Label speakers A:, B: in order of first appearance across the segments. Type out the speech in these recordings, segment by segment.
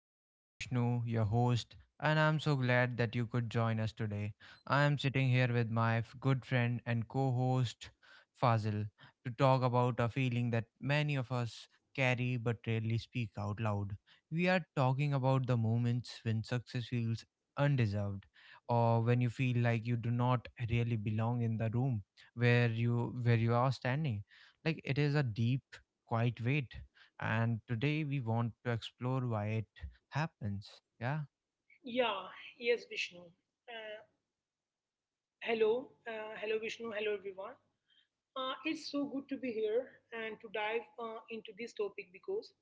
A: I am Vishnu, your host, and I'm so glad that you could join us today. I am sitting here with my good friend and co host, Fazil, to talk about a feeling that many of us carry but rarely speak out loud. We are talking about the moments when success feels undeserved, or when you feel like you do not really belong in the room where you are standing. Like it is a deep, quiet weight, and today we want to explore why it happens. Yeah.
B: Yeah, yes, Vishnu. Hello, Vishnu. Hello, everyone. It's so good to be here and to dive into this topic because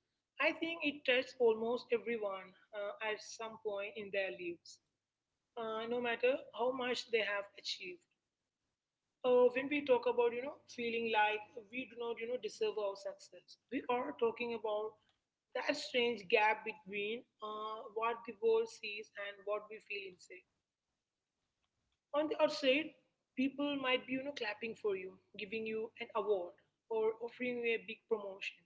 B: I think it touches almost everyone at some point in their lives, no matter how much they have achieved. When we talk about feeling like we do not deserve our success, we are talking about that strange gap between what the world sees and what we feel inside. On the outside, people might be, clapping for you, giving you an award, or offering you a big promotion.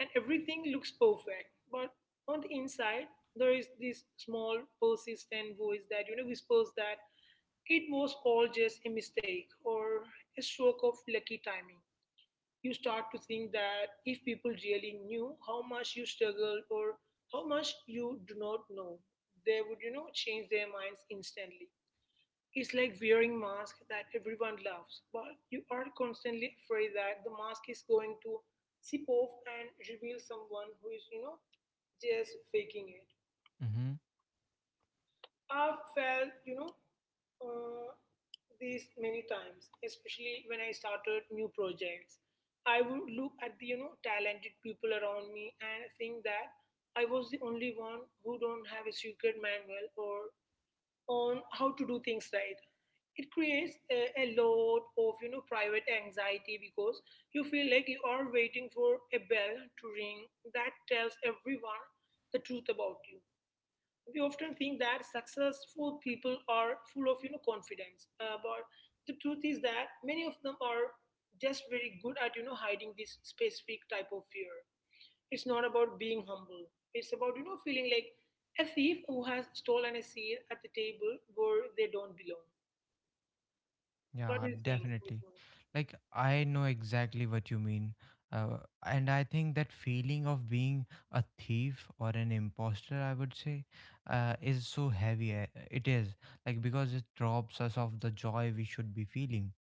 B: And everything looks perfect. But on the inside, there is this small, persistent voice that whispers that it was all just a mistake or a stroke of lucky timing. You start to think that if people really knew how much you struggle or how much you do not know, they would, change their minds instantly. It's like wearing mask that everyone loves, but you are constantly afraid that the mask is going to sip off and reveal someone who is, just faking it.
A: Mm-hmm.
B: I've felt, uh, these many times, especially when I started new projects. I would look at the, talented people around me and think that I was the only one who don't have a secret manual or on how to do things right. It creates a lot of private anxiety because you feel like you are waiting for a bell to ring that tells everyone the truth about you. We often think that successful people are full of confidence, but the truth is that many of them are just very good at hiding this specific type of fear. It's not about being humble. It's about, feeling like a thief who has stolen a seat at the table where they don't belong. What do
A: Yeah,
B: you think?
A: definitely. Like, I know exactly what you mean. Uh, and I think that feeling of being a thief or an imposter, I would say, is so heavy. It is like because it robs us of the joy we should be feeling.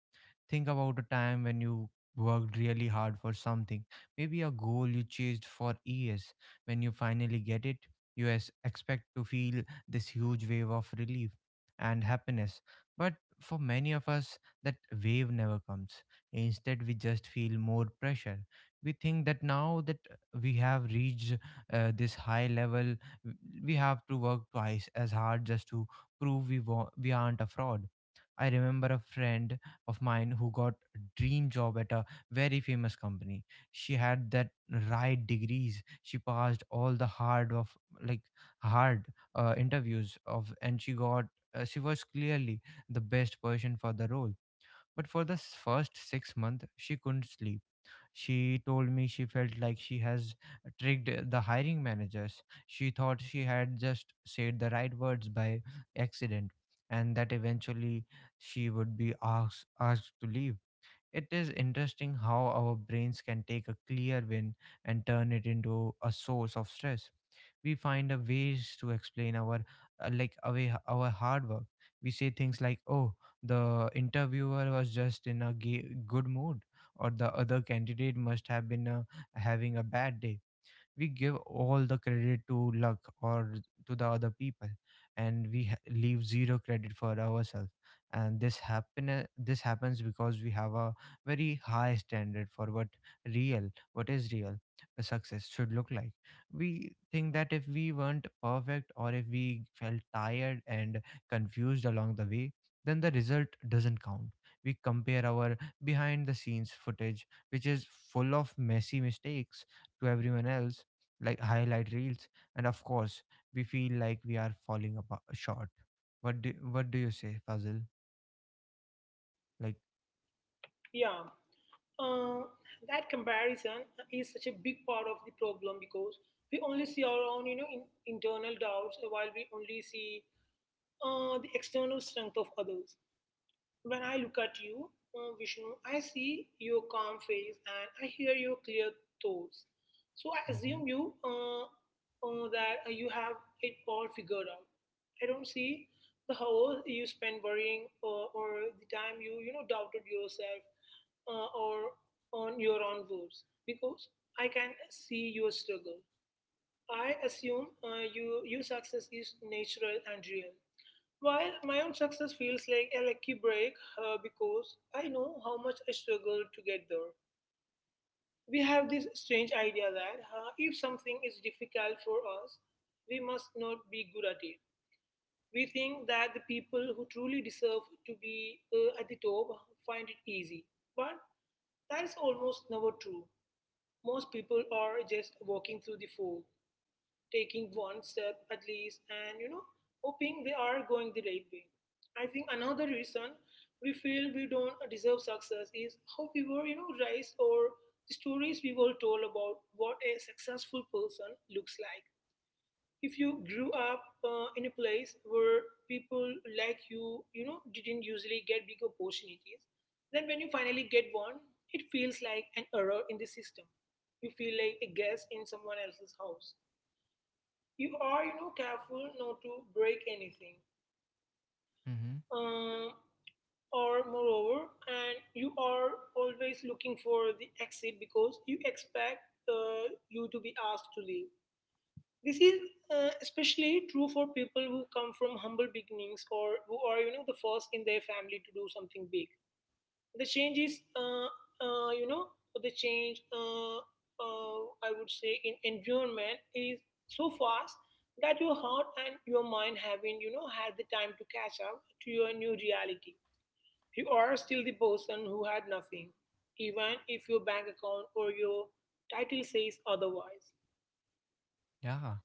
A: Think about a time when you worked really hard for something, maybe a goal you chased for years. When you finally get it, you as expect to feel this huge wave of relief and happiness. But for many of us, that wave never comes. Instead, we just feel more pressure. We think that now that we have reached this high level, w- we have to work twice as hard just to prove we aren't a fraud. I remember a friend of mine who got a dream job at a very famous company. She had that right degrees. She passed all the hard of like hard interviews and she was clearly the best person for the role. But for the first 6 months, she couldn't sleep. She told me she felt like she has tricked the hiring managers. She thought she had just said the right words by accident, and that eventually she would be asked to leave. It is interesting how our brains can take a clear win and turn it into a source of stress. We find a ways to explain our like away our hard work. We say things like, oh, the interviewer was just in a good mood, or the other candidate must have been having a bad day. We give all the credit to luck or to the other people, and we leave zero credit for ourselves. And this happens because we have a very high standard for what real what is real a success should look like. We think that if we weren't perfect, or if we felt tired and confused along the way, then the result doesn't count. We compare our behind the scenes footage, which is full of messy mistakes, to everyone else like highlight reels, and of course, we feel like we are falling apart, short. What do you say, Fazil? Like,
B: Yeah. Uh, that comparison is such a big part of the problem because we only see our own, internal doubts while we only see the external strength of others. When I look at you, Vishnu, I see your calm face and I hear your clear thoughts. So I
A: Mm-hmm.
B: assume you have it all figured out. I don't see the hours you spend worrying or the time you you know doubted yourself or on your own words because I can see your struggle. I assume your success is natural and real. While my own success feels like a lucky break because I know how much I struggled to get there. We have this strange idea that if something is difficult for us, we must not be good at it. We think that the people who truly deserve to be at the top find it easy. But that is almost never true. Most people are just walking through the fog, taking one step at least and hoping they are going the right way. I think another reason we feel we don't deserve success is how we were raised or the stories we were told about what a successful person looks like. If you grew up in a place where people like you know didn't usually get big opportunities, then when you finally get one it feels like an error in the system. You feel like a guest in someone else's house. You are, careful not to break anything,
A: Mm-hmm.
B: um, or moreover, and you are always looking for the exit because you expect you to be asked to leave. This is especially true for people who come from humble beginnings or who are the first in their family to do something big. The change is you know The change I would say in environment is so fast that your heart and your mind haven't had the time to catch up to your new reality. You are still the person who had nothing, even if your bank account or your title says otherwise.
A: Yeah.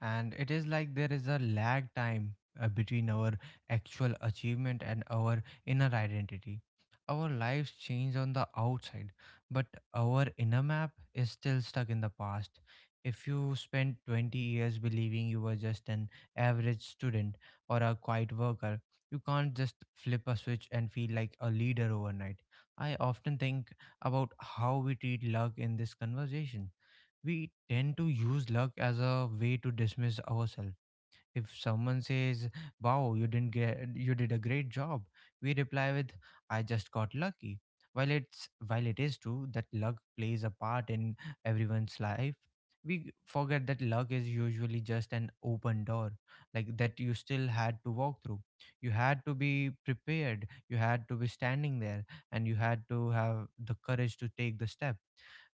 A: And it is like there is a lag time between our actual achievement and our inner identity. Our lives change on the outside, but our inner map is still stuck in the past. If you spent 20 years believing you were just an average student or a quiet worker, you can't just flip a switch and feel like a leader overnight. I often think about how we treat luck in this conversation. We tend to use luck as a way to dismiss ourselves. If someone says, wow, you didn't get you did a great job, we reply with, I just got lucky. While it is true that luck plays a part in everyone's life, we forget that luck is usually just an open door, like that you still had to walk through. You had to be prepared, you had to be standing there, and you had to have the courage to take the step.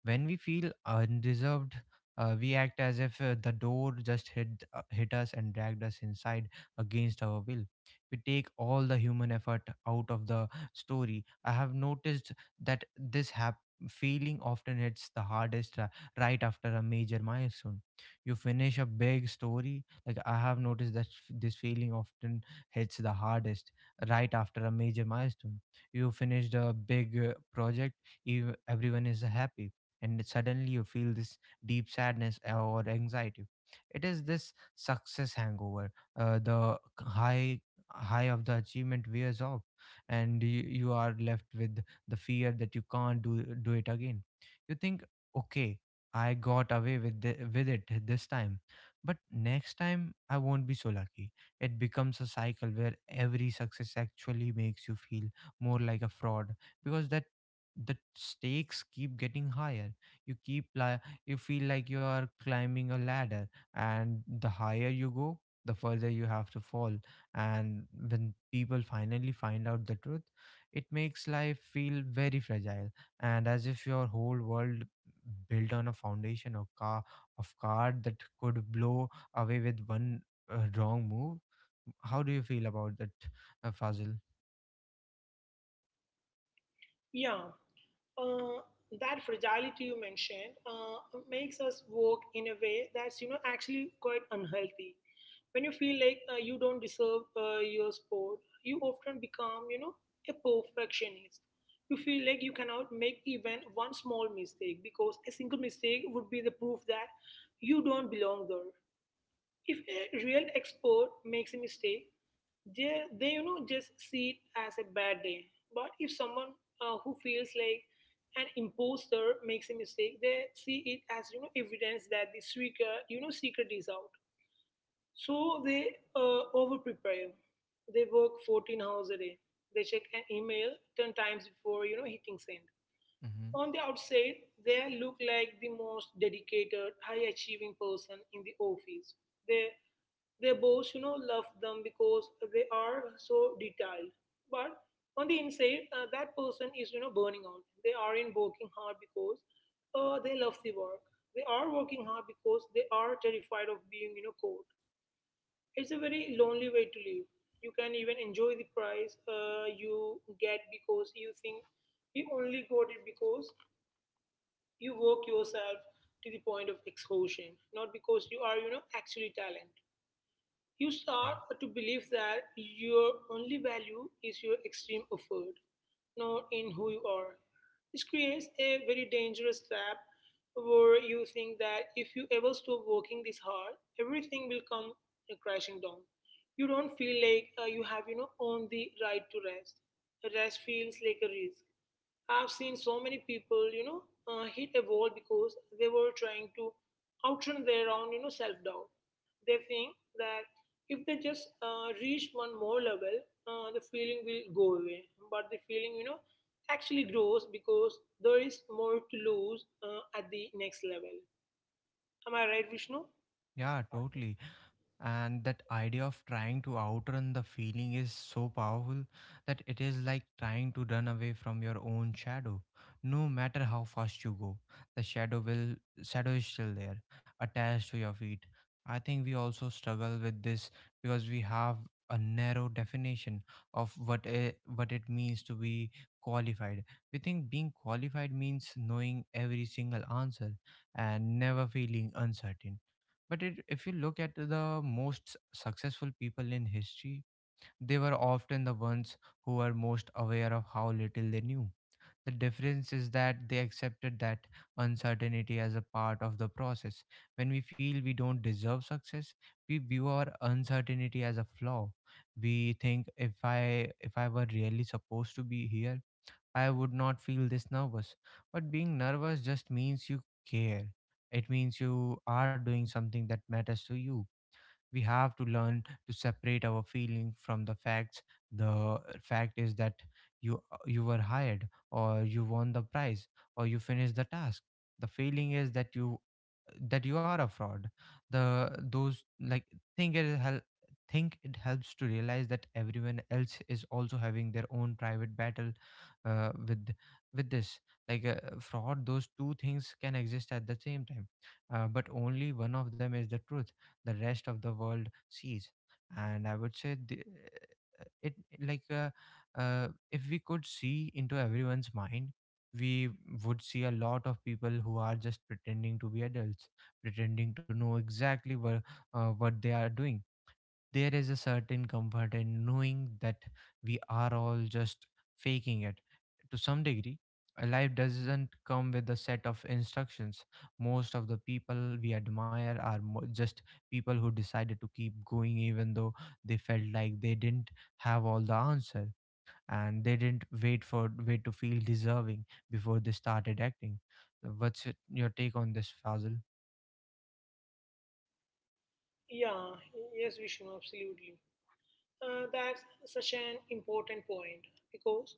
A: When we feel undeserved, we act as if the door just hit us and dragged us inside against our will. We take all the human effort out of the story. I have noticed that this feeling often hits the hardest right after a major milestone. You finish a big story, like I have noticed that this feeling often hits the hardest right after a major milestone. You finished a big project, everyone is happy, and suddenly you feel this deep sadness or anxiety. It is this success hangover. The high high of the achievement wears off, and you are left with the fear that you can't do it again. You think, okay, I got away with it this time, but next time I won't be so lucky. It becomes a cycle where every success actually makes you feel more like a fraud, because that the stakes keep getting higher. you keep li- you feel like you are climbing a ladder, and the higher you go, the further you have to fall. And when people finally find out the truth, it makes life feel very fragile, and as if your whole world built on a foundation of card that could blow away with one wrong move. How do you feel about that, Fazil?
B: Yeah. Uh, that fragility you mentioned makes us work in a way that's actually quite unhealthy. When you feel like you don't deserve your sport, you often become, a perfectionist. You feel like you cannot make even one small mistake because a single mistake would be the proof that you don't belong there. If a real expert makes a mistake, they just see it as a bad day. But if someone who feels like an imposter makes a mistake, they see it as evidence that the secret you know secret is out. So they over prepare. They work 14 hours a day. They check an email 10 times before, hitting send.
A: Mm-hmm.
B: On the outside, they look like the most dedicated, high achieving person in the office. They, their boss, love them because they are so detailed. But on the inside, that person is, burning out. They aren't working hard because they love the work. They are working hard because they are terrified of being, cold. It's a very lonely way to live. You can even enjoy the price you get because you think you only got it because you work yourself to the point of exhaustion, not because you are, actually talent. You
A: yeah
B: start to believe that your only value is your extreme effort, not in who you are. This creates a very dangerous trap where you think that if you ever stop working this hard, everything will come crashing down. You don't feel like you have, owned the right to rest. Rest feels like a risk. I've seen so many people, hit a wall because they were trying to outrun their own, self doubt. They think that if they just reach one more level, the feeling will go away. But the feeling, actually grows because there is more to lose at the next level. Am I right, Vishnu?
A: yeah totally. And that idea of trying to outrun the feeling is so powerful that it is like trying to run away from your own shadow. No matter how fast you go, the shadow will shadow is still there, attached to your feet. I think we also struggle with this because we have a narrow definition of what it means to be qualified. We think being qualified means knowing every single answer and never feeling uncertain, but if you look at the most successful people in history, they were often the ones who were most aware of how little they knew. The difference is that they accepted that uncertainty as a part of the process. When we feel we don't deserve success, we view our uncertainty as a flaw. We think, if I were really supposed to be here, I would not feel this nervous. But being nervous just means you care. It means you are doing something that matters to you. We have to learn to separate our feeling from the facts. The fact is that you were hired, or you won the prize, or you finished the task. The feeling is that you are a fraud. The Those, like, think it hel- think it helps to realize that everyone else is also having their own private battle uh, with with this like fraud. Those two things can exist at the same time, but only one of them is the truth the rest of the world sees. And I would say the, it like if we could see into everyone's mind, we would see a lot of people who are just pretending to be adults, pretending to know exactly what they are doing. There is a certain comfort in knowing that we are all just faking it to some degree. Life doesn't come with a set of instructions. Most of the people we admire are just people who decided to keep going even though they felt like they didn't have all the answer, and they didn't wait to feel deserving before they started acting. What's your take on this, Fazil?
B: Yeah, yes, Vishnu, absolutely. That's such an important point because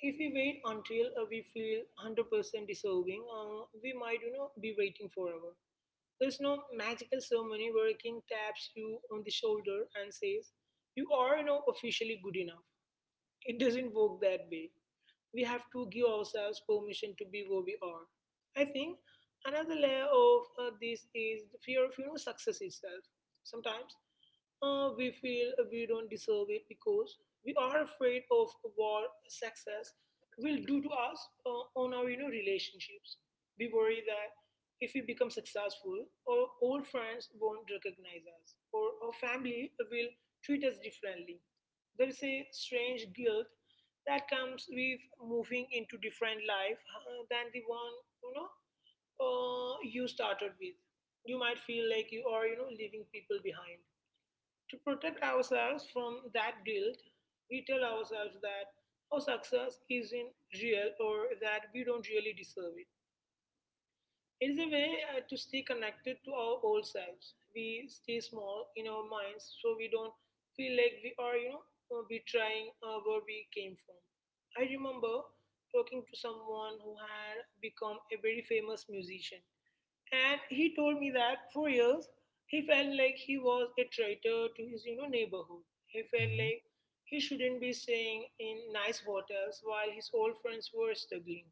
B: if we wait until we feel 100% deserving, we might, be waiting forever. There's no magical ceremony where a king taps you on the shoulder and says, "You are, officially good enough." It doesn't work that way. We have to give ourselves permission to be where we are. I think another layer of this is the fear of success itself. Sometimes we feel we don't deserve it because we are afraid of what success will do to us on our relationships. We worry that if we become successful, our old friends won't recognize us, or our family will treat us differently. There is a strange guilt that comes with moving into different life than the one you know you started with. You might feel like you are leaving people behind. To protect ourselves from that guilt, we tell ourselves that our success isn't real or that we don't really deserve it. It is a way to stay connected to our old selves. We stay small in our minds so we don't feel like we are, betraying where we came from. I remember talking to someone who had become a very famous musician. And he told me that for years he felt like he was a traitor to his, neighborhood. He felt
A: Hmm.
B: like he shouldn't be staying in nice hotels while his old friends were struggling.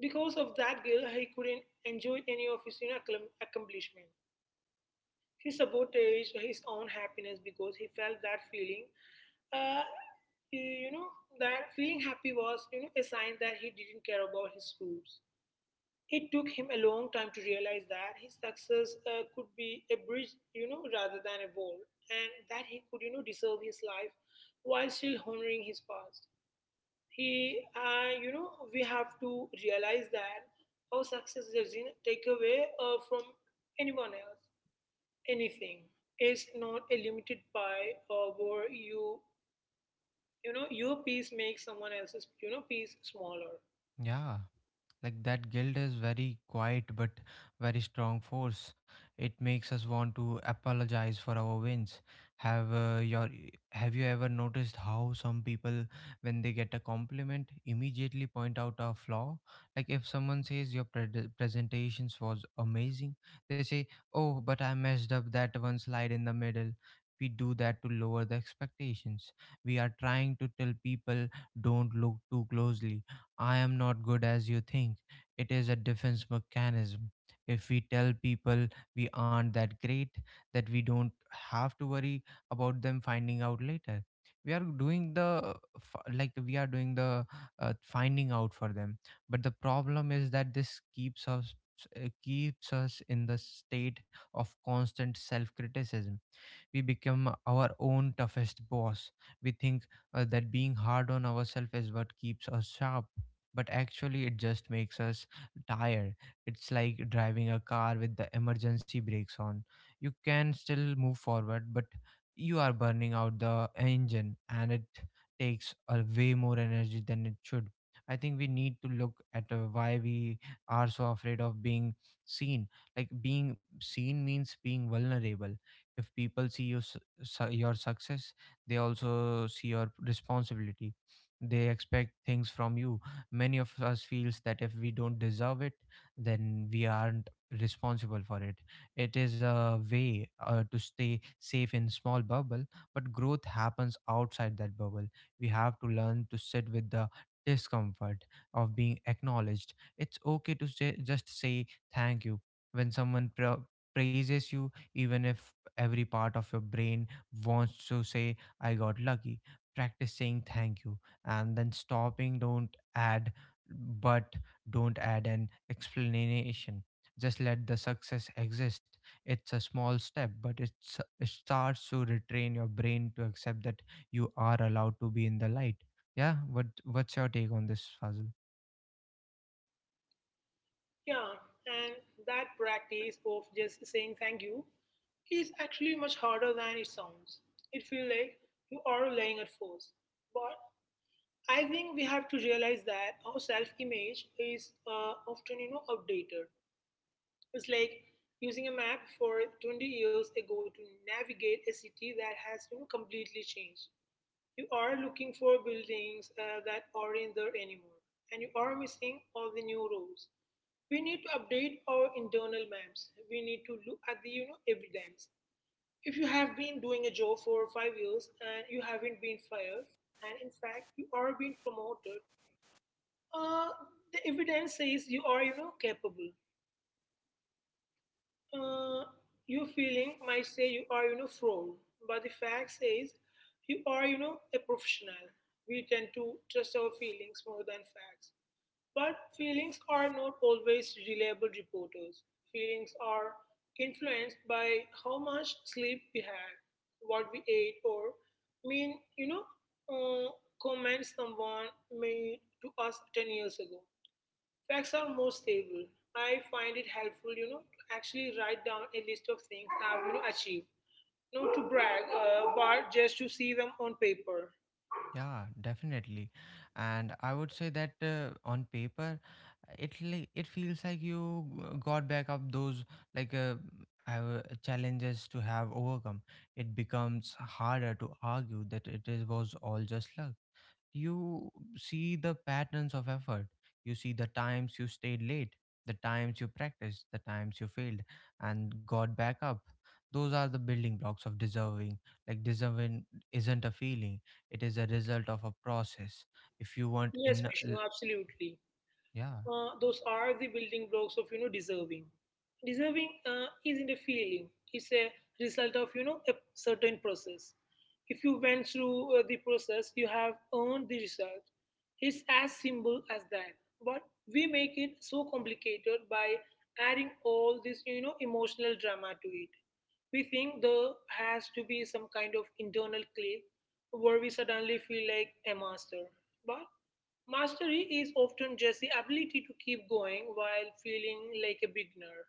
B: Because of that girl, he couldn't enjoy any of his, accomplishment. He sabotaged his own happiness because he felt that feeling, uh, you know, that feeling happy was, a sign that he didn't care about his roots. It took him a long time to realize that his success could be a bridge, rather than a wall, and that he could, deserve his life while still honoring his past. He we have to realize that our success doesn't take away from anyone else anything is not a limited by where you know your piece makes someone else's piece smaller.
A: Yeah. Like, that guilt is very quiet but very strong force. It makes us want to apologize for our wins. Have uh, your have you ever noticed how some people, when they get a compliment, immediately point out a flaw? Like, if someone says your presentations was amazing, they say, "Oh, but I messed up that one slide in the middle." We do that to lower the expectations. We are trying to tell people, don't look too closely, I am not good as you think. It is a defense mechanism. If we tell people we aren't that great, that we don't have to worry about them finding out later, we are doing the f- like we are doing the finding out for them. But the problem is that this keeps us it keeps us in the state of constant self-criticism. We become our own toughest boss. We think that being hard on ourselves is what keeps us sharp, but actually it just makes us tired. It's like driving a car with the emergency brakes on. You can still move forward, but you are burning out the engine, and it takes a way more energy than it should. I think we need to look at why we are so afraid of being seen, like being seen means being vulnerable. If people see your success, they also see your responsibility. They expect things from you. Many of us feels that if we don't deserve it, then we aren't responsible for it. It is a way to stay safe in small bubble, but growth happens outside that bubble. We have to learn to sit with the discomfort of being acknowledged. It's okay to say, just say thank you when someone praises you, even if every part of your brain wants to say I got lucky. Practice saying thank you and then stopping. Add but don't add an explanation. Just let the success exist. It's a small step, but it starts to retrain your brain to accept that you are allowed to be in the light. Yeah, what's your take on this, Fazil?
B: Yeah, and that practice of just saying thank you is actually much harder than it sounds. It feels like you are laying at force, but I think we have to realize that our self-image is, often, outdated. It's like using a map for 20 years ago to navigate a city that has, completely changed. You are looking for buildings that aren't there anymore, and you are missing all the new roads. We need to update our internal maps. We need to look at the evidence. If you have been doing a job for 5 years and you haven't been fired, and in fact you are being promoted, uh, the evidence says you are capable. Uh, your feeling might say you are fraud, but the fact says you are a professional. We tend to trust our feelings more than facts. But feelings are not always reliable reporters. Feelings are influenced by how much sleep we had, what we ate, or mean, uh, comments someone made to us 10 years ago. Facts are more stable. I find it helpful to actually write down a list of things I've achieved. Not to brag, but just to see them on paper.
A: Yeah, definitely. And I would say that on paper, it feels like you got back up those like uh, challenges to have overcome. It becomes harder to argue that it was all just luck. You see the patterns of effort, you see the times you stayed late, the times you practiced, the times you failed and got back up. Those are the building blocks of deserving. Deserving isn't a feeling, it is a result of a process if you want
B: Yes,
A: in.
B: Vishnu, absolutely.
A: Yeah.
B: Those are the building blocks of Deserving isn't a feeling, it's a result of a certain process. If you went through the process, you have earned the result. It's as simple as that. But we make it so complicated by adding all this emotional drama to it. We think there has to be some kind of internal click where we suddenly feel like a master. But mastery is often just the ability to keep going while feeling like a beginner.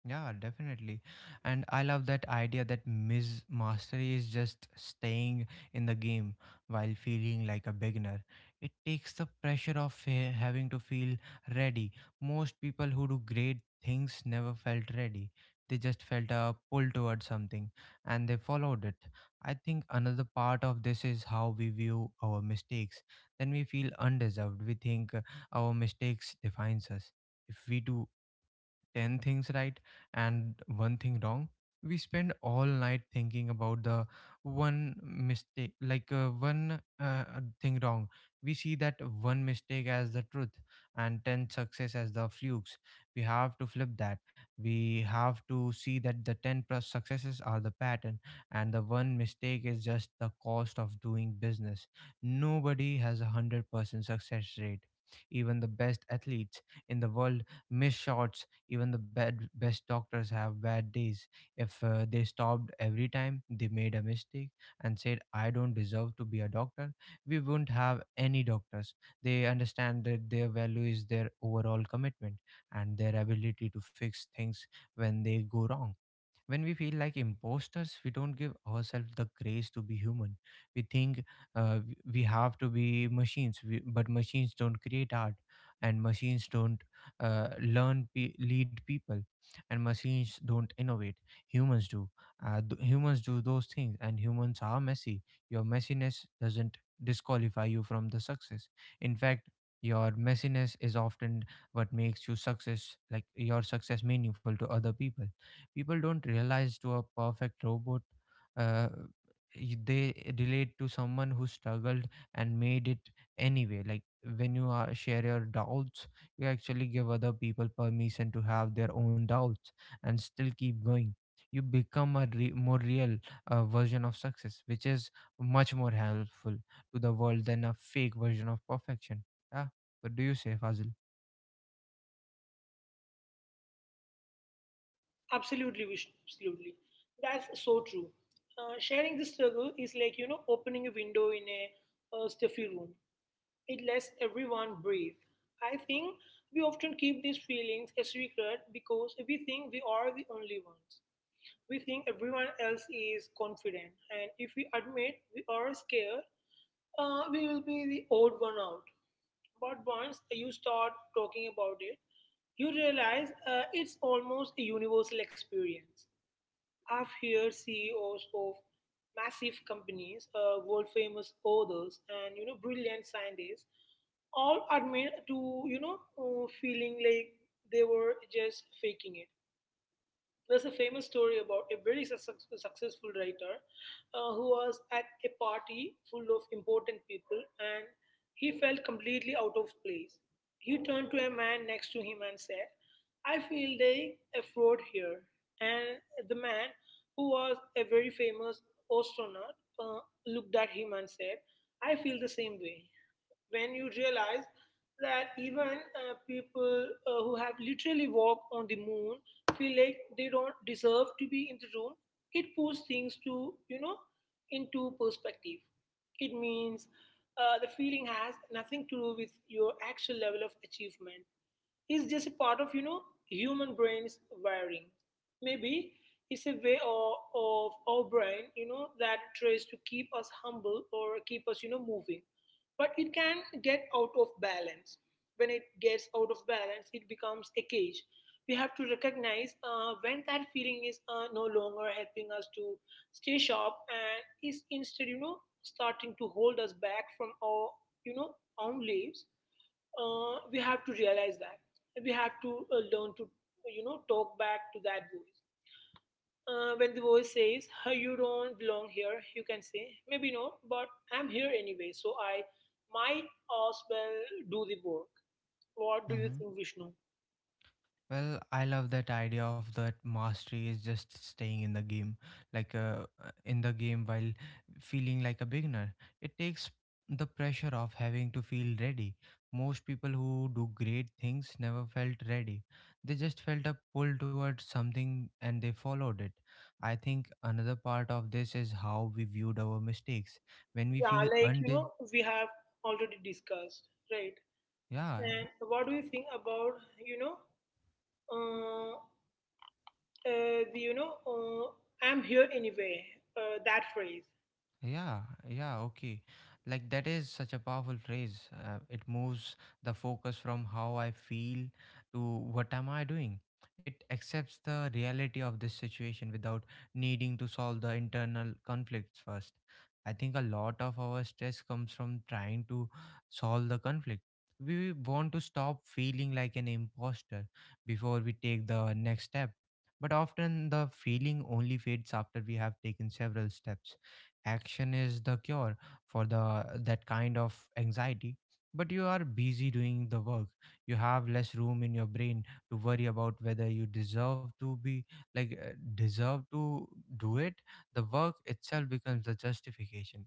A: Yeah, definitely. And I love that idea that Ms. Mastery is just staying in the game while feeling like a beginner. It takes the pressure of having to feel ready. Most people who do great things never felt ready. They just felt a pull towards something and they followed it. I think another part of this is how we view our mistakes. Then we feel undeserved. We think our mistakes defines us. If we do 10 things right and one thing wrong, we spend all night thinking about the one mistake, like one thing wrong. We see that one mistake as the truth and 10 success as the flukes. We have to flip that. We have to see that the 10 plus successes are the pattern and the one mistake is just the cost of doing business. Nobody has a 100% success rate. Even the best athletes in the world miss shots. Even the best doctors have bad days. If they stopped every time they made a mistake and said, "I don't deserve to be a doctor," we wouldn't have any doctors. They understand that their value is their overall commitment and their ability to fix things when they go wrong. When we feel like imposters, we don't give ourselves the grace to be human. We think we have to be machines, but machines don't create art, and machines don't lead people, and machines don't innovate. Humans do. Humans do those things, and humans are messy. Your messiness doesn't disqualify you from the success. In fact, your messiness is often what makes your success meaningful to other people. People don't realize to a perfect robot. Uh, y- they relate to someone who struggled and made it anyway. Like, when share your doubts, you actually give other people permission to have their own doubts and still keep going. You become a more real version of success, which is much more helpful to the world than a fake version of perfection. Yeah, what do you say, Fazil?
B: Absolutely, Vishnu, absolutely. That's so true. Sharing the struggle is like opening a window in a stuffy room. It lets everyone breathe. I think we often keep these feelings a secret because we think we are the only ones. We think everyone else is confident, and if we admit we are scared, we will be the odd one out. But once you start talking about it, you realize it's almost a universal experience. I've heard CEOs of massive companies, world famous authors, and brilliant scientists, all admit to feeling like they were just faking it. There's a famous story about a very successful writer who was at a party full of important people, and he felt completely out of place. He turned to a man next to him and said, "I feel like a fraud here." And the man, who was a very famous astronaut, looked at him and said, "I feel the same way." When you realize that even people who have literally walked on the moon feel like they don't deserve to be in the room, it puts things to into perspective. It means the feeling has nothing to do with your actual level of achievement. It's just a part of human brain's wiring. Maybe it's a way of our brain, that tries to keep us humble or keep us moving. But it can get out of balance. When it gets out of balance, it becomes a cage. We have to recognize when that feeling is no longer helping us to stay sharp and is instead starting to hold us back from our you know own lives. We have to realize that we have to learn to talk back to that voice when the voice says, "Huh, you don't belong here," you can say, "Maybe not, but I'm here anyway, so I might as well do the work." What do you think, Vishnu?
A: Well, I love that idea of that mastery is just staying in the game, while feeling like a beginner. It takes the pressure of having to feel ready. Most people who do great things never felt ready. They just felt a pull towards something and they followed it. I think another part of this is how we viewed our mistakes. When we
B: Yeah,
A: feel
B: like
A: undi-
B: we have already discussed, right?
A: Yeah.
B: And what do you think about you know, uh, the "I'm here anyway." That phrase.
A: Yeah, yeah, okay. Like that is such a powerful phrase. It moves the focus from how I feel to what am I doing. It accepts the reality of this situation without needing to solve the internal conflicts first. I think a lot of our stress comes from trying to solve the conflict. We want to stop feeling like an imposter before we take the next step. But often the feeling only fades after we have taken several steps. Action is the cure for the that kind of anxiety. But you are busy doing the work, you have less room in your brain to worry about whether you like uh, deserve to do it. The work itself becomes the justification.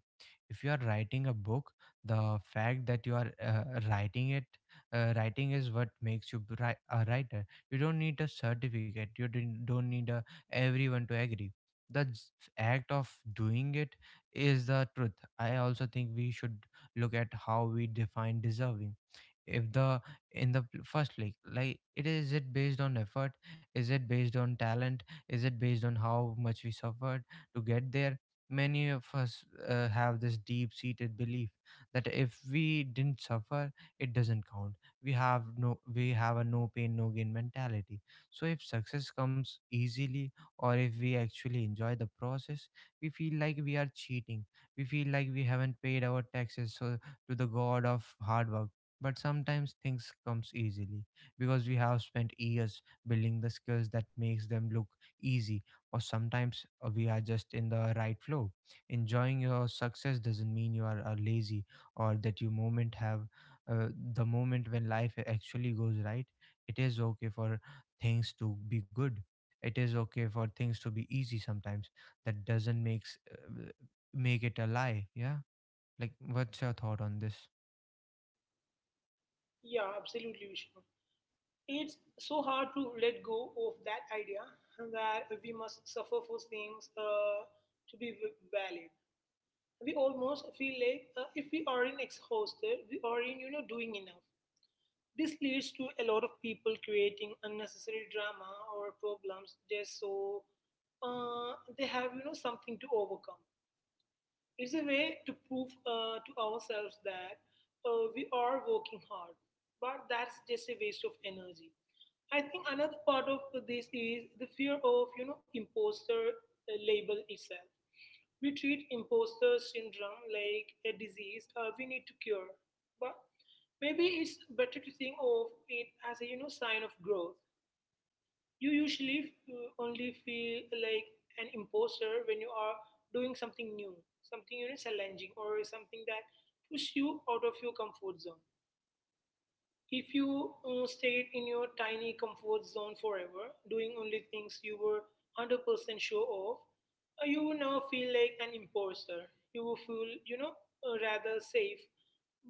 A: If you are writing a book, the fact that you are writing it writing is what makes you a writer. You don't need a certificate, you don't need everyone to agree. The act of doing it is the truth. I also think we should look at how we define deserving. If the In the first league, like, it is it based on effort? Is it based on talent? Is it based on how much we suffered to get there? Many of us have this deep seated belief that if we didn't suffer, it doesn't count. We have a no pain no gain mentality. So if success comes easily, or if we actually enjoy the process, we feel like we are cheating. We feel like we haven't paid our taxes, so to the god of hard work. But sometimes things comes easily because we have spent years building the skills that makes them look easy. Or sometimes we are just in the right flow. Enjoying your success doesn't mean you are lazy, or that you moment have uh, the moment when life actually goes right. It is okay for things to be good. It is okay for things to be easy sometimes. That doesn't make it a lie. Yeah. Like, what's your thought on this?
B: Yeah, absolutely, Vishnu. It's so hard to let go of that idea that we must suffer for things to be valid. We almost feel like if we aren't exhausted, we aren't doing enough. This leads to a lot of people creating unnecessary drama or problems just so uh, they have something to overcome. It's a way to prove to ourselves that we are working hard, but that's just a waste of energy. I think another part of this is the fear of imposter label itself. We treat imposter syndrome like a disease we need to cure, but maybe it's better to think of it as a sign of growth. You usually only feel like an imposter when you are doing something new, something challenging, or something that pushes you out of your comfort zone. If you stayed in your tiny comfort zone forever, doing only things you were 100% sure of, you would now feel like an imposter. You would feel rather safe,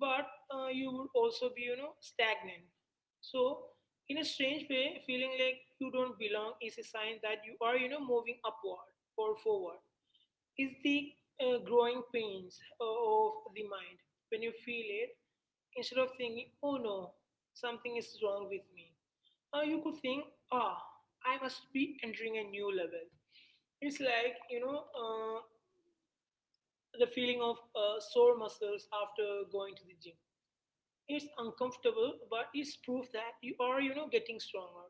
B: but you would also be stagnant. So, in a strange way, feeling like you don't belong is a sign that you are moving upward or forward. Is the growing pains of the mind. When you feel it, instead of thinking, "Oh no, something is wrong with me," you could think, "Ah, I must be entering a new level." It's like the feeling of sore muscles after going to the gym. It's uncomfortable, but it's proof that you are getting stronger.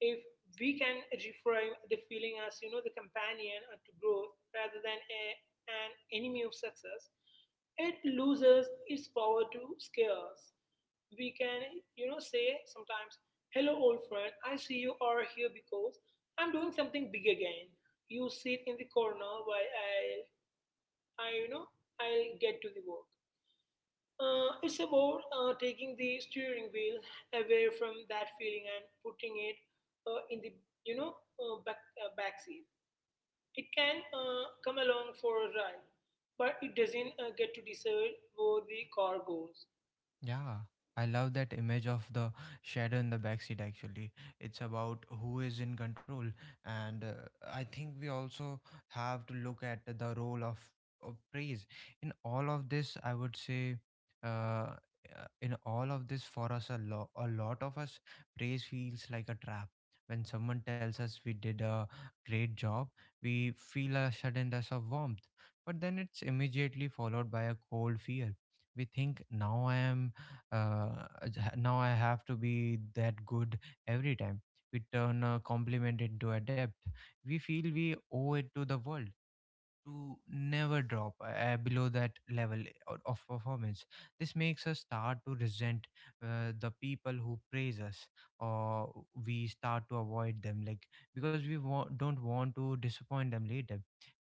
B: If we can reframe the feeling as the companion to growth rather than an enemy of success, it loses its power to scare us. We can say sometimes, "Hello, old friend, I see you are here because I'm doing something big again. You sit in the corner while I you know, I'll get to the work." It's about taking the steering wheel away from that feeling and putting it in the you know uh, back uh, back seat. It can come along for a ride, but it doesn't get to decide where the car goes.
A: Yeah, I love that image of the shadow in the backseat, actually. It's about who is in control. And I think we also have to look at the role of praise. In all of this, I would say, uh, uh, in all of this, for us, a lot of us, praise feels like a trap. When someone tells us we did a great job, we feel a sudden rush of warmth. But then it's immediately followed by a cold fear. We think, now I have to be that good every time. We turn a compliment into a debt. We feel we owe it to the world to never drop below that level of performance. This makes us start to resent the people who praise us, or we start to avoid them, like, because we don't want to disappoint them later.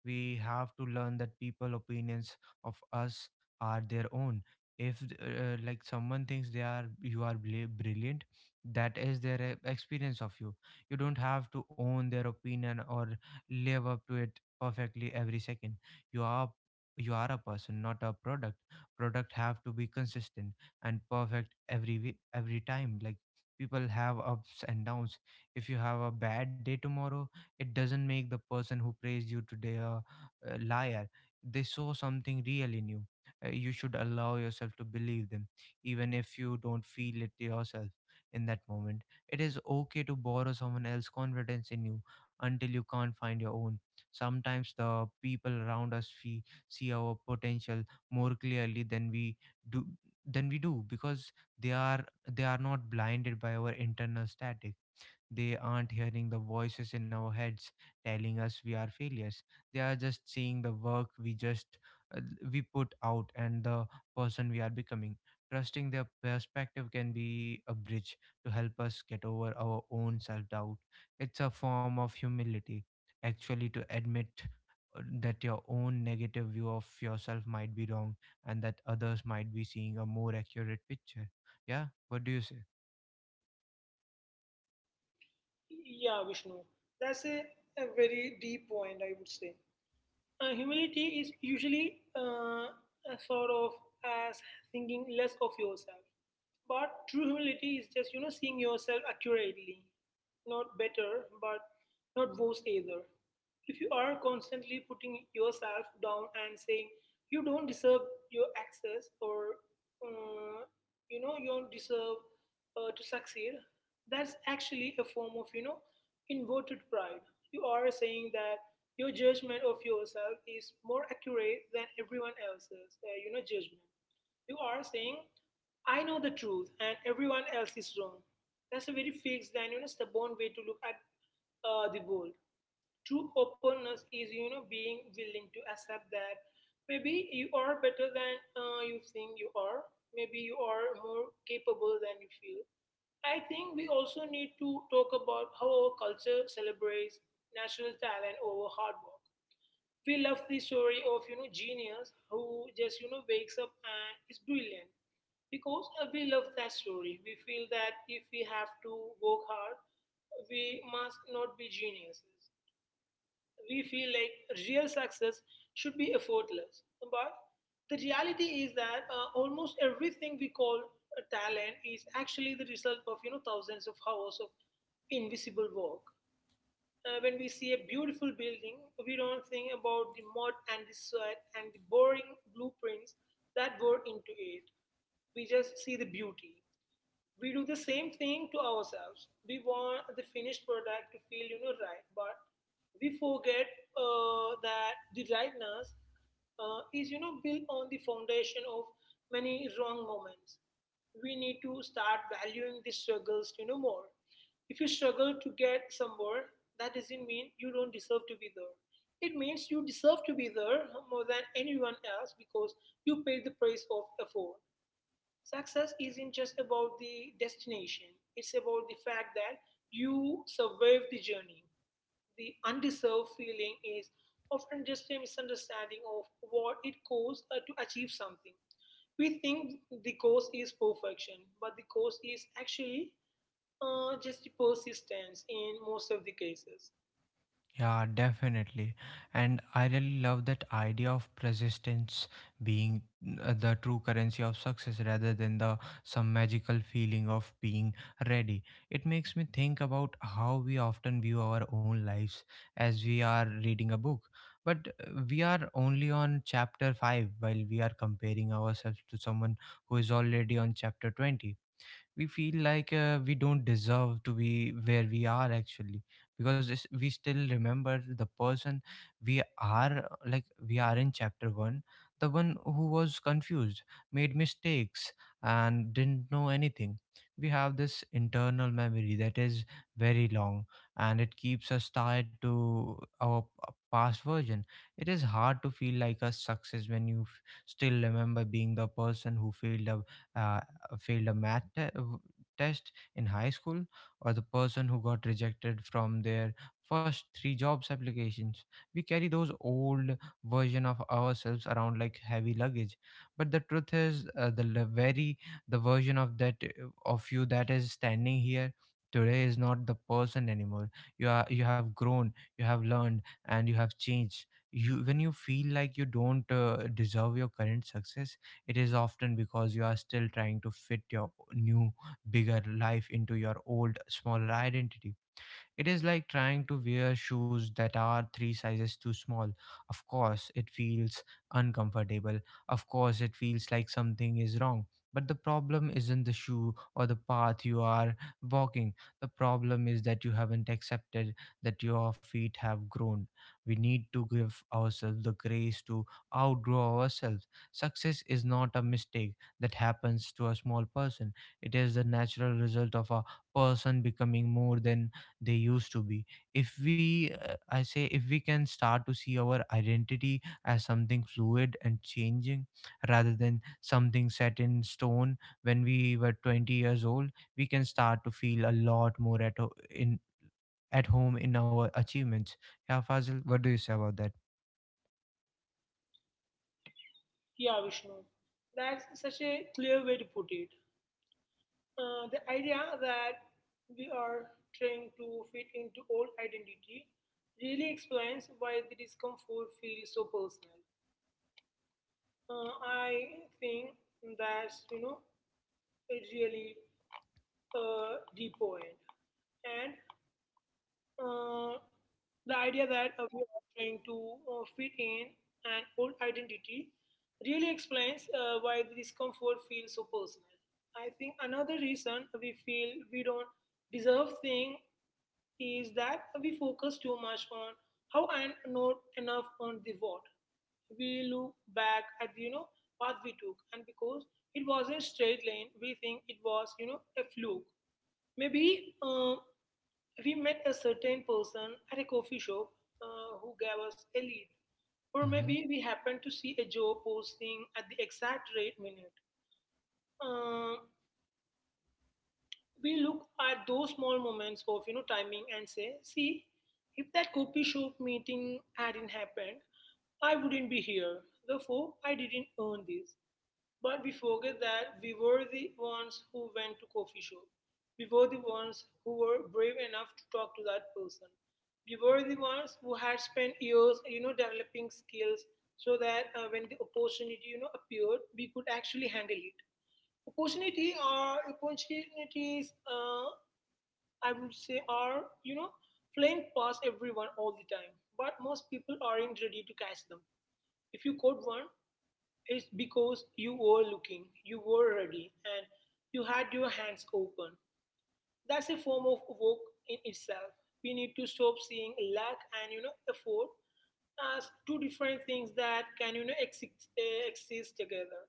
A: We have to learn that people opinions of us are their own. If, like, someone thinks they are you are bli- brilliant, that is their experience of you. You don't have to own their opinion or live up to it perfectly every second. You are you are a person, not a product. Product have to be consistent and perfect every time. Like, people have ups and downs. If you have a bad day tomorrow, it doesn't make the person who praised you today a liar. They saw something real in you. You should allow yourself to believe them, even if you don't feel it yourself in that moment. It is okay to borrow someone else's confidence in you until you can't find your own. Sometimes the people around us see our potential more clearly than we do because they are not blinded by our internal static. They aren't hearing the voices in our heads telling us we are failures. They are just seeing the work uh, we put out and the person we are becoming. Trusting their perspective can be a bridge to help us get over our own self doubt. It's a form of humility, actually, to admit that your own negative view of yourself might be wrong and that others might be seeing a more accurate picture. Yeah, what do you say?
B: Yeah, Vishnu, that's a very deep point. I would say humility is usually a sort of as thinking less of yourself. But true humility is just seeing yourself accurately. Not better, but not worse either. If you are constantly putting yourself down and saying you don't deserve your access, or, uh, you know, you don't deserve to succeed, that's actually a form of inverted pride. You are saying that your judgment of yourself is more accurate than everyone else's judgment. You are saying, "I know the truth and everyone else is wrong." That's a very fixed and stubborn way to look at the world. True openness is being willing to accept that maybe you are better than you think you are. Maybe you are more capable than you feel. I think we also need to talk about how our culture celebrates natural talent over hard work. We love the story of genius who just wakes up and is brilliant. Because we love that story, we feel that if we have to work hard, we must not be geniuses. We feel like real success should be effortless. But the reality is that almost everything we call a talent is actually the result of thousands of hours of invisible work. When we see a beautiful building, we don't think about the mud and the sweat and the boring blueprints that go into it. We just see the beauty. We do the same thing to ourselves. We want the finished product to feel right, but we forget, that the rightness is built on the foundation of many wrong moments. We need to start valuing the struggles more. If you struggle to get somewhere, that doesn't mean you don't deserve to be there. It means you deserve to be there more than anyone else, because you paid the price of effort. Success isn't just about the destination, it's about the fact that you survived the journey. The undeserved feeling is often just a misunderstanding of what it costs to achieve something. We think the cost is perfection, but the cost is actually just the persistence in most of the cases.
A: Yeah, definitely. And I really love that idea of persistence being the true currency of success, rather than the some magical feeling of being ready. It makes me think about how we often view our own lives as we are reading a book. But we are only on chapter 5 while we are comparing ourselves to someone who is already on chapter 20. We feel like we don't deserve to be where we are actually, because this, we still remember the person we are like we are in chapter 1, the one who was confused, made mistakes, and didn't know anything. We have this internal memory that is very long, and it keeps us tied to our past version. It is hard to feel like a success when you still remember being the person who failed, uh, failed a test in high school, or the person who got rejected from their first three jobs applications. We carry those old version of ourselves around like heavy luggage. But the truth is, the le- very the version of that of you that is standing here today is not the person anymore. You are, you have grown, you have learned, and you have changed. You when you feel like you don't deserve your current success, it is often because you are still trying to fit your new, bigger life into your old, smaller identity. It is like trying to wear shoes that are three sizes too small. Of course, it feels uncomfortable. Of course, it feels like something is wrong. But the problem isn't the shoe or the path you are walking. The problem is that you haven't accepted that your feet have grown. We need to give ourselves the grace to outgrow ourselves. Success is not a mistake that happens to a small person, it is the natural result of a person becoming more than they used to be. If we I say if we can start to see our identity as something fluid and changing, rather than something set in stone when we were 20 years old, we can start to feel a lot more at home in our achievements. Yeah, Fazil, what do you say about that?
B: Yeah, Vishnu, that's such a clear way to put it. The idea that we are trying to fit into old identity really explains why the discomfort feels so personal. I think that's a really deep point, and, uh, the idea that we are trying to fit in an old identity really explains why the discomfort feels so personal. I think another reason we feel we don't deserve things is that we focus too much on how and not enough on the what. We look back at path we took, and because it wasn't straight line, we think it was a fluke. Maybe we met a certain person at a coffee shop who gave us a lead. Or
A: Mm-hmm.
B: maybe we happened to see a job posting at the exact right minute. Uh, we look at those small moments of timing and say, see, if that coffee shop meeting hadn't happened, I wouldn't be here. Therefore, I didn't earn this. But we forget that we were the ones who went to coffee shop. We were the ones who were brave enough to talk to that person. We were the ones who had spent years, developing skills so that when the opportunity, appeared, we could actually handle it. Opportunity or opportunities, I would say, are flying past everyone all the time. But most people aren't ready to catch them. If you caught one, it's because you were looking, you were ready, and you had your hands open. That's a form of work in itself. We need to stop seeing lack and effort as two different things that can exist, exist together.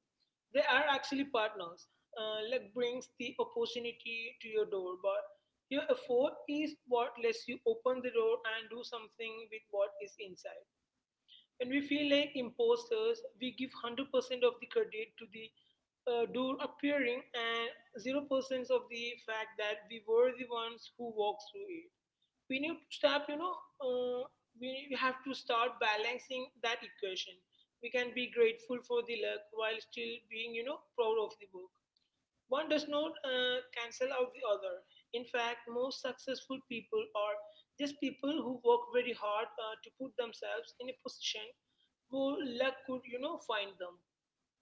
B: They are actually partners. Luck brings the opportunity to your door, but your effort is what lets you open the door and do something with what is inside. When we feel like imposters, we give 100% of the credit to the door appearing and 0% of the fact that we were the ones who walked through it. We need to stop, you know, uh, we We have to start balancing that equation. We can be grateful for the luck while still being, proud of the work. One does not cancel out the other. In fact, most successful people are just people who work very hard to put themselves in a position who luck could, find them.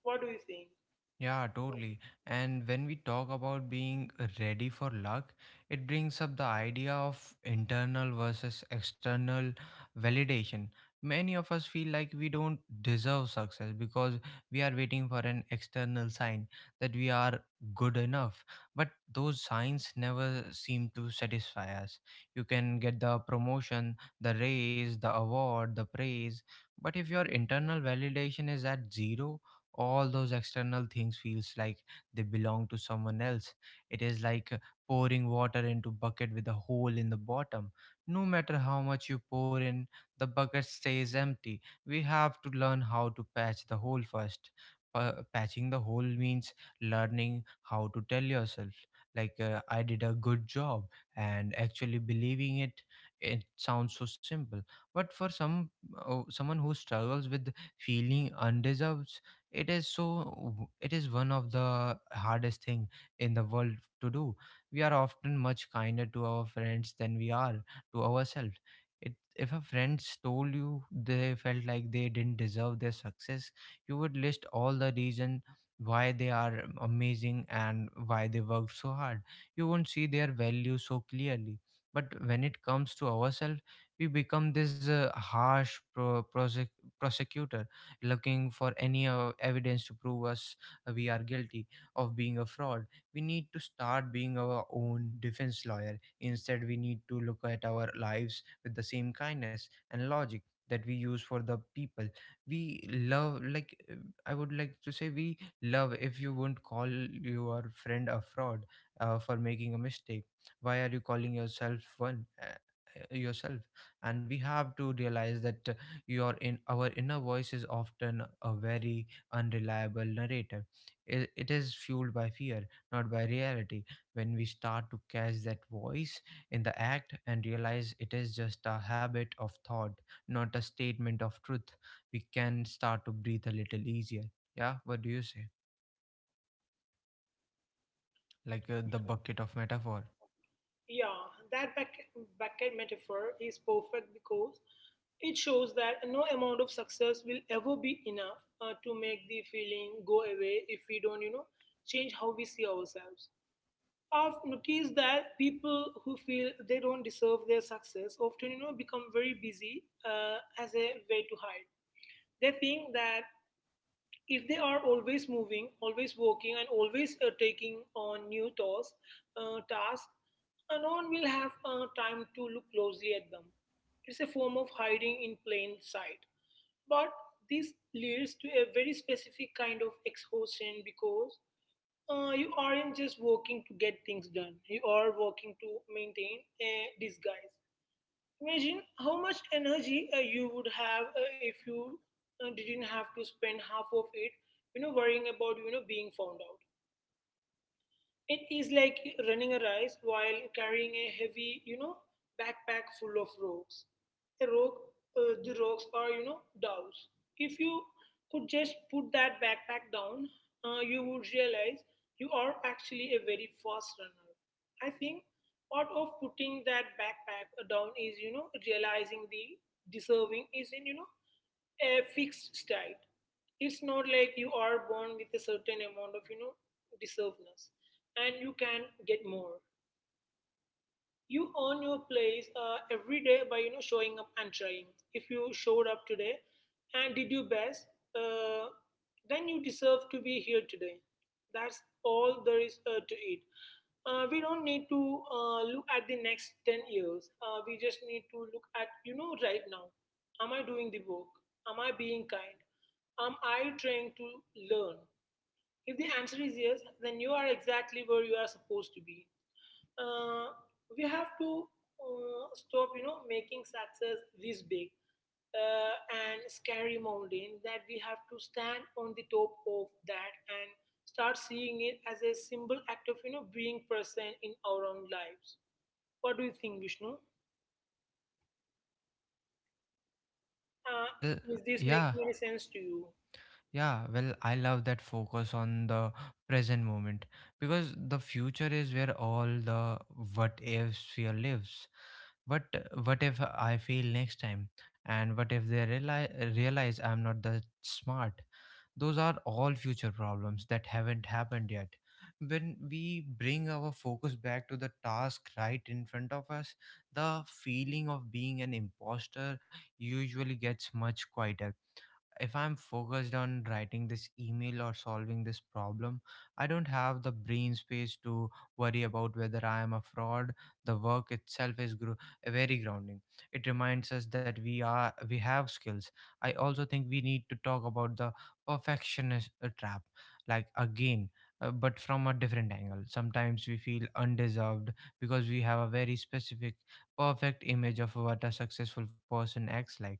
B: What do you think?
A: Yeah, totally. And when we talk about being ready for luck, it brings up the idea of internal versus external validation. Many of us feel like we don't deserve success because we are waiting for an external sign that we are good enough. But those signs never seem to satisfy us. You can get the promotion, the raise, the award, the praise, but if your internal validation is at zero, all those external things feels like they belong to someone else. It is like pouring water into bucket with a hole in the bottom. No matter how much you pour in, the bucket stays empty. We have to learn how to patch the hole first. Patching the hole means learning how to tell yourself, like, I did a good job, and actually believing it. It sounds so simple, but for some, someone who struggles with feeling undeserved, it is so, it is one of the hardest thing in the world to do. We are often much kinder to our friends than we are to ourselves. It, if a friend told you they felt like they didn't deserve their success, you would list all the reason why they are amazing and why they worked so hard. You won't see their value so clearly, but when it comes to ourselves, we become this prosecutor looking for any evidence to prove us, we are guilty of being a fraud. We need to start being our own defense lawyer. Instead, we need to look at our lives with the same kindness and logic that we use for the people we love, like, I would like to say, we love, if you won't call your friend a fraud for making a mistake, why are you calling yourself one, yourself? And we have to realize that, your in our inner voice is often a very unreliable narrator. It is fueled by fear, not by reality. When we start to catch that voice in the act and realize it is just a habit of thought, not a statement of truth, we can start to breathe a little easier. Yeah, what do you say? Like, the bucket of metaphor.
B: Yeah, that bucket metaphor is perfect because it shows that no amount of success will ever be enough to make the feeling go away if we don't, change how we see ourselves. I've noticed that people who feel they don't deserve their success often, become very busy as a way to hide. They think that if they are always moving, always working, and always taking on new tasks, no one will have time to look closely at them. It's a form of hiding in plain sight. But this leads to a very specific kind of exhaustion because you aren't just working to get things done, you are working to maintain a disguise. Imagine how much energy you would have if you didn't have to spend half of it, worrying about being found out. It is like running a race while carrying a heavy, backpack full of rocks. A rock, the rocks are, doves. If you could just put that backpack down, you would realize you are actually a very fast runner. I think part of putting that backpack down is, realizing the deserving is in, a fixed state. It's not like you are born with a certain amount of, deservedness and you can get more. You earn your place every day by showing up and trying. If you showed up today and did your best, uh, then you deserve to be here today. That's all there is to it. We don't need to look at the next 10 years. We just need to look at, right now. Am I doing the work? Am I being kind? Am I trying to learn? If the answer is yes, then you are exactly where you are supposed to be. Uh, we have to stop, making success this big uh, and scary mountain that we have to stand on the top of that and start seeing it as a simple act of, being present in our own lives. What do you think, Vishnu? Uh,
A: Well,
B: is this
A: yeah.
B: making any sense to you?
A: Yeah, well, I love that focus on the present moment, because the future is where all the what ifs fear lives. What what if I fail next time? And what if they realize I'm not that smart? Those are all future problems that haven't happened yet. When we bring our focus back to the task right in front of us, the feeling of being an imposter usually gets much quieter. If I'm focused on writing this email or solving this problem, I don't have the brain space to worry about whether I am a fraud. The work itself is very grounding. It reminds us that we have skills. I also think we need to talk about the perfectionist trap, like, again. But from a different angle. Sometimes we feel undeserved because we have a very specific, perfect image of what a successful person acts like.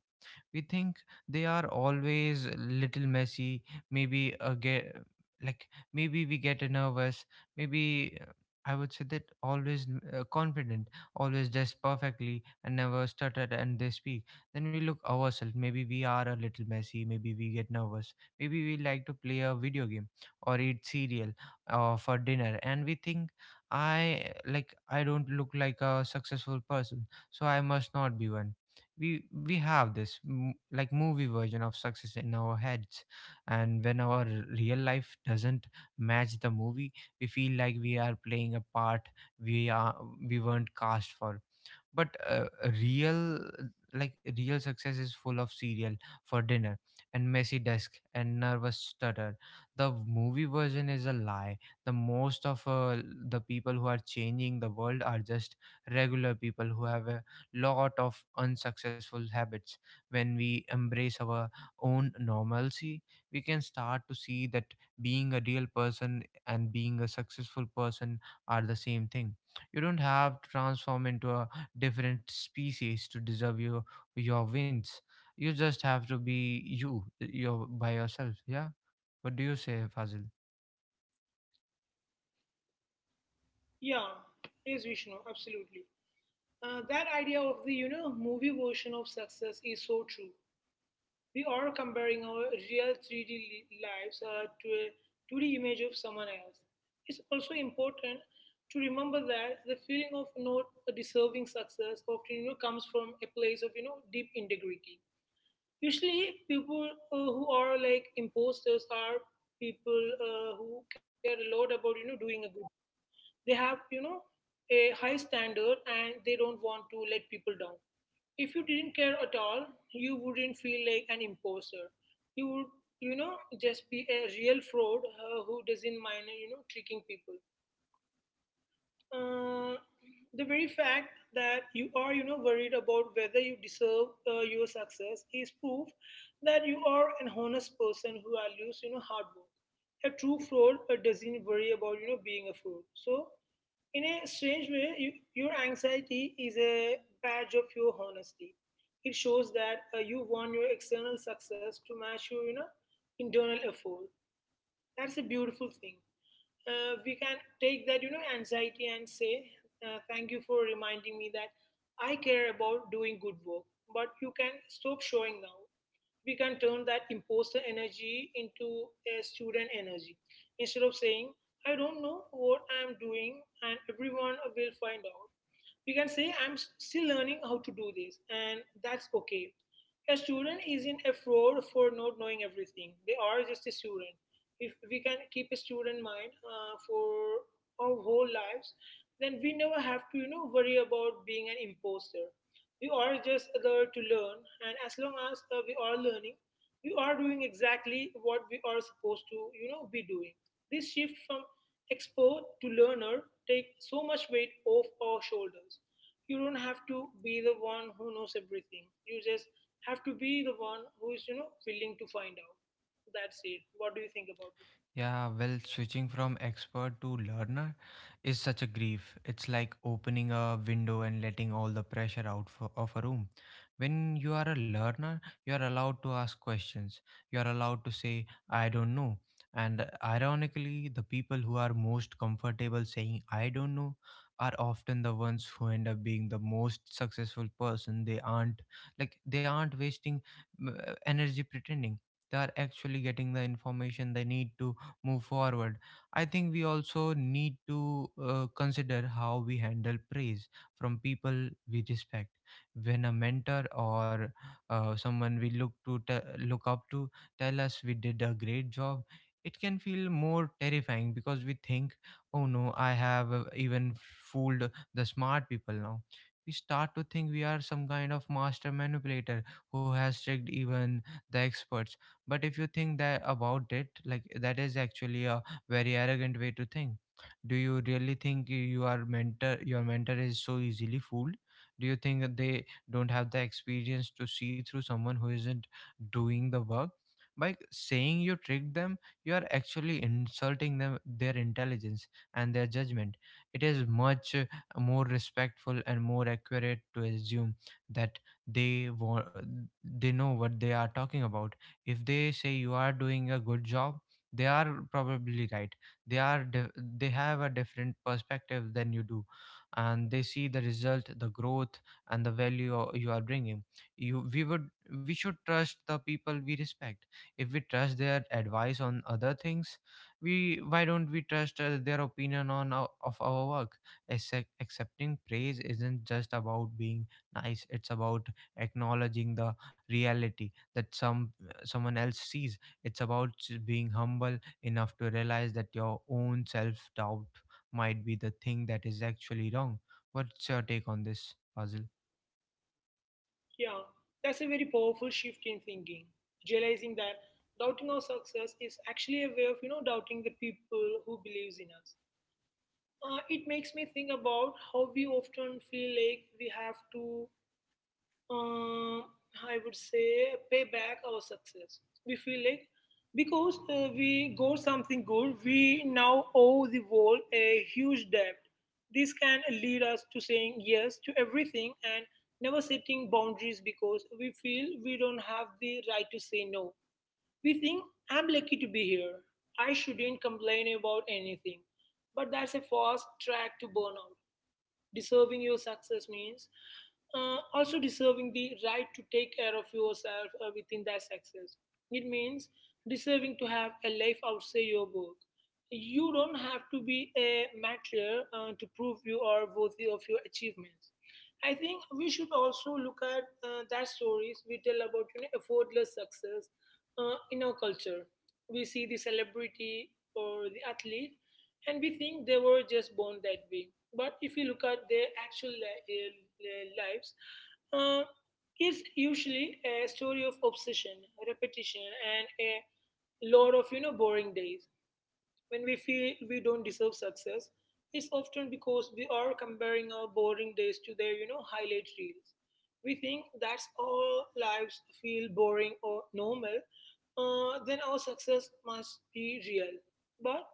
A: We think they are always little messy, maybe a get, like, maybe we get nervous, maybe, I would say that always confident, always dressed perfectly and never stutter and they speak. Then we look ourselves, maybe we are a little messy, maybe we get nervous, maybe we like to play a video game or eat cereal for dinner, and we think, I like I don't look like a successful person, so I must not be one. We have this like movie version of success in our heads, and when our real life doesn't match the movie, we feel like we are playing a part we are, we weren't cast for. But real real success is full of cereal for dinner, and messy desk, and nervous stutter. The movie version is a lie. The most of the people who are changing the world are just regular people who have a lot of unsuccessful habits. When we embrace our own normalcy, we can start to see that being a real person and being a successful person are the same thing. You don't have to transform into a different species to deserve your wins. You just have to be you, your by yourself. Yeah. What do you say, Fazil?
B: Yeah, yes, Vishnu, absolutely. That idea of the movie version of success is so true. We are comparing our real 3D lives to a 2D image of someone else. It's also important to remember that the feeling of not deserving success often comes from a place of deep integrity. Usually, people who are like imposters are people who care a lot about doing a good. They have a high standard and they don't want to let people down. If you didn't care at all, you wouldn't feel like an imposter. You would, just be a real fraud who doesn't mind, tricking people. Uh, the very fact that you are, worried about whether you deserve your success is proof that you are an honest person who values, hard work. A true fraud doesn't worry about, being a fraud. So in a strange way, your anxiety is a badge of your honesty. It shows that you want your external success to match your internal effort. That's a beautiful thing. We can take that anxiety and say, "Thank you for reminding me that I care about doing good work." But you can stop showing now we can turn that imposter energy into a student energy. Instead of saying, I don't know what I'm doing and everyone will find out, we can say, I'm still learning how to do this, and that's okay. A student isn't a fraud for not knowing everything, they are just a student. If we can keep a student mind for our whole lives, then we never have to, worry about being an imposter. We are just there to learn, and as long as we are learning, we are doing exactly what we are supposed to, be doing. This shift from expert to learner take so much weight off our shoulders. You don't have to be the one who knows everything. You just have to be the one who is, willing to find out. That's it. What do you think about it?
A: Yeah, well, switching from expert to learner is such a grief. It's like opening a window and letting all the pressure out for, of a room. When you are a learner, you are allowed to ask questions. You are allowed to say, I don't know. And ironically, the people who are most comfortable saying, I don't know, are often the ones who end up being the most successful person. They aren't, like, they aren't wasting energy pretending. They are actually getting the information they need to move forward. I think we also need to consider how we handle praise from people we respect. When a mentor, or someone we look to te- look up to tell us we did a great job, it can feel more terrifying because we think, "Oh no, I have even fooled the smart people now." We start to think we are some kind of master manipulator who has tricked even the experts. But if you think that about it like that, is actually a very arrogant way to think. Do you really think your mentor is so easily fooled? Do you think that they don't have the experience to see through someone who isn't doing the work? By saying you tricked them, you are actually insulting them, their intelligence, and their judgment. It is much, more respectful and more accurate to assume that they want they know what they are talking about. If they say you are doing a good job, they are probably right. They they have a different perspective than you do, and they see the result, the growth, and the value you are bringing. You we would We should trust the people we respect. If we trust their advice on other things, we why don't we trust their opinion on of our work? Accepting praise isn't just about being nice, it's about acknowledging the reality that someone else sees. It's about being humble enough to realize that your own self doubt might be the thing that is actually wrong. What's your take on this, Fazil?
B: Yeah, that's a very powerful shift in thinking. Realizing that doubting our success is actually a way of, doubting the people who believes in us. It makes me think about how we often feel like we have to um, I would say pay back our success. We feel like because we got something good, we now owe the world a huge debt. This can lead us to saying yes to everything and never setting boundaries because we feel we don't have the right to say no. We think I'm lucky to be here. I shouldn't complain about anything. But that's a fast track to burnout. Deserving your success means also deserving the right to take care of yourself within that success. It means deserving to have a life outside your work. You don't have to be a martyr to prove you are worthy of your achievements. I think we should also look at that stories we tell about effortless success in our culture. We see the celebrity or the athlete and we think they were just born that way. But if you look at their actual lives, uh, it's usually a story of obsession, repetition, and a lot of boring days. When we feel we don't deserve success, it's often because we are comparing our boring days to their, highlight reels. We think that's all lives feel boring or normal, then our success must be real. But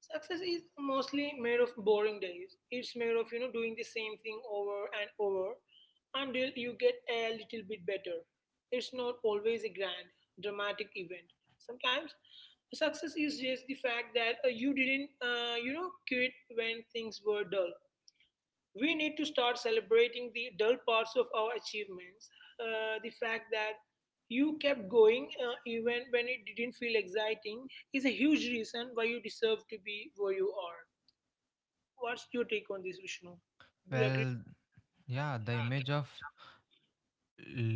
B: success is mostly made of boring days. It's made of, doing the same thing over and over until you get a little bit better. It's not always a grand, dramatic event. Sometimes success is just the fact that you didn't quit when things were dull. We need to start celebrating the dull parts of our achievements. The fact that you kept going even when it didn't feel exciting is a huge reason why you deserve to be where you are. What's your take on this, Vishnu? Do you agree?
A: Well, yeah, the image of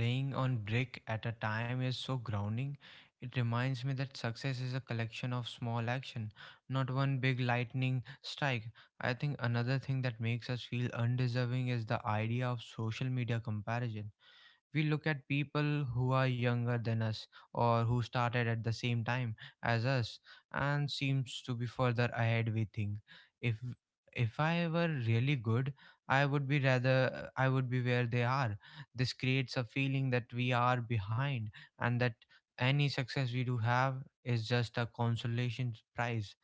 A: laying on brick at a time is so grounding. It reminds me that success is a collection of small action, not one big lightning strike. I think another thing that makes us feel undeserving is the idea of social media comparison. We look at people who are younger than us, or who started at the same time as us, and seems to be further ahead, we think. If if I were really good, I would be rather I would be where they are. This creates a feeling that we are behind, and that any success we do have is just a consolation prize.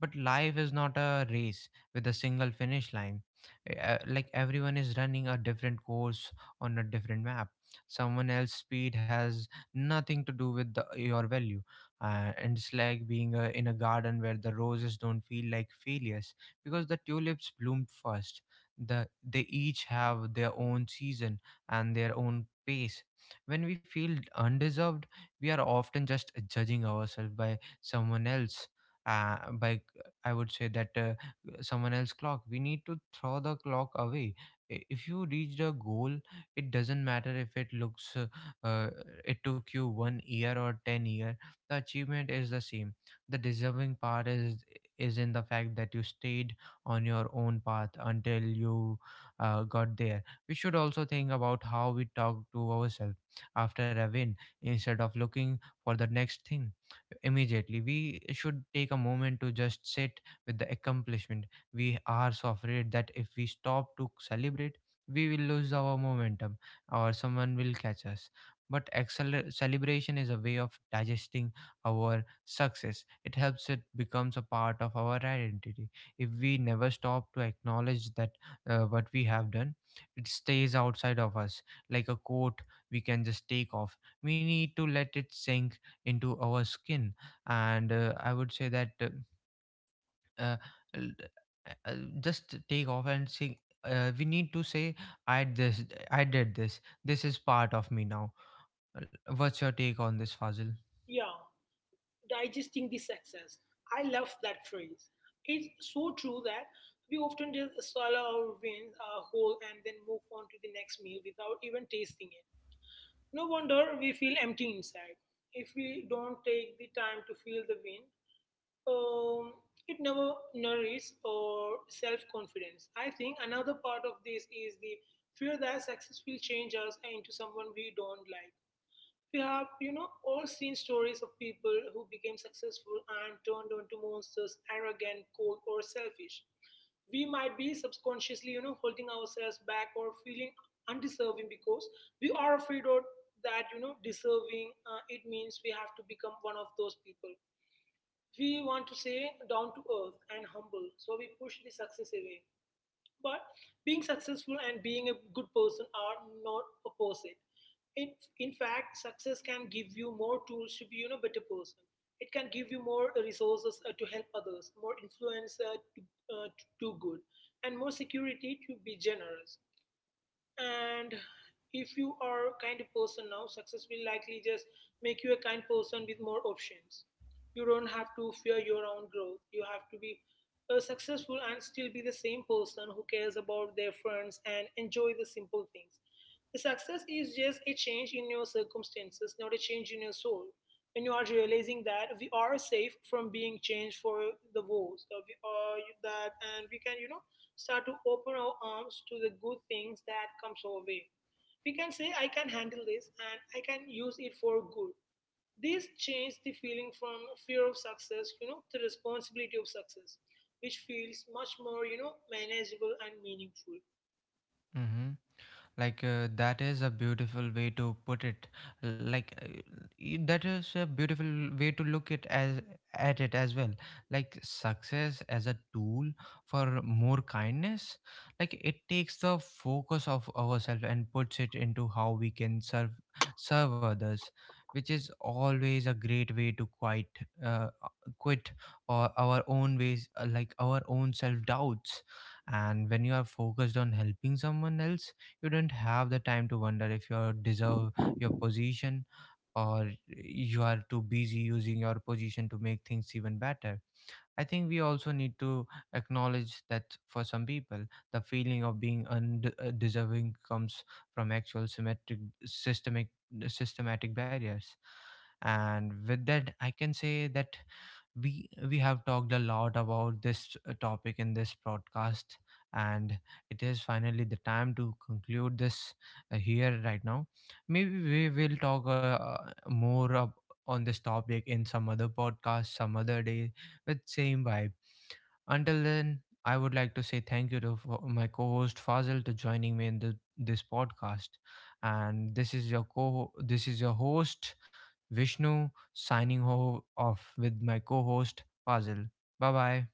A: But life is not a race with a single finish line. Eh, uh, like everyone is running a different course on a different map. Someone else's speed has nothing to do with the, your value. And it's like being in a garden where the roses don't feel like failures because the tulips bloomed first. The, they each have their own season and their own pace. When we feel undeserved, we are often just judging ourselves by someone else, by I would say that someone else clock. We need to throw the clock away. If you reached a goal, it doesn't matter if it looks uh, it took you 1 year or 10 year. The achievement is the same. The deserving part is in the fact that you stayed on your own path until you got there. We should also think about how we talk to ourselves after a win. Instead of looking for the next thing immediately, we should take a moment to just sit with the accomplishment. We are so afraid that if we stop to celebrate, we will lose our momentum, or someone will catch us. But celebration is a way of digesting our success. It helps it becomes a part of our identity. If we never stop to acknowledge that what we have done, it stays outside of us like a coat we can just take off. We need to let it sink into our skin, and I would say that uh, l- uh, just take off and sing. Uh, we need to say, i this I did this, this is part of me now. What's your take on this, Fazil?
B: Yeah. Digesting the success. I love that phrase. It's so true that we often just swallow our wins whole and then move on to the next meal without even tasting it. No wonder we feel empty inside. If we don't take the time to feel the win, um, it never nourishes our self confidence. I think another part of this is the fear that success will change us into someone we don't like. We have, all seen stories of people who became successful and turned into monsters, arrogant, cold, or selfish. We might be subconsciously, holding ourselves back or feeling undeserving because we are afraid of that, deserving. It means we have to become one of those people. We want to say down to earth and humble, so we push the success away. But being successful and being a good person are not opposite. In, in fact, success can give you more tools to be better person. It can give you more resources to help others, more influence to do good, and more security to be generous. And if you are a kind person now, success will likely just make you a kind person with more options. You don't have to fear your own growth. You have to be successful and still be the same person who cares about their friends and enjoy the simple things. The success is just a change in your circumstances, not a change in your soul. When you are realizing that we are safe from being changed for the worse, we are that, and we can, start to open our arms to the good things that comes our way. We can say, I can handle this and I can use it for good. This changed the feeling from fear of success, to responsibility of success, which feels much more, manageable and meaningful.
A: Mm-hmm. Like, that is a beautiful way to put it. Like, that is a beautiful way to look it as at it as well. Like, success as a tool for more kindness. Like it takes the focus of ourselves and puts it into how we can serve others, which is always a great way to quite, uh, quit or our own ways, like our own self doubts. And when you are focused on helping someone else, you don't have the time to wonder if you deserve your position, or you are too busy using your position to make things even better. I think we also need to acknowledge that for some people, the feeling of being undeserving comes from actual systemic, systematic barriers. And with that, I can say that we have talked a lot about this topic in this broadcast, and it is finally the time to conclude this here right now. Maybe we will talk more ab- on this topic in some other podcast, some other day, with same vibe. Until then, I would like to say thank you to my co-host Fazil to joining me in this podcast. And this is your co this is your host Vishnu signing off with my co-host Fazil. Bye bye.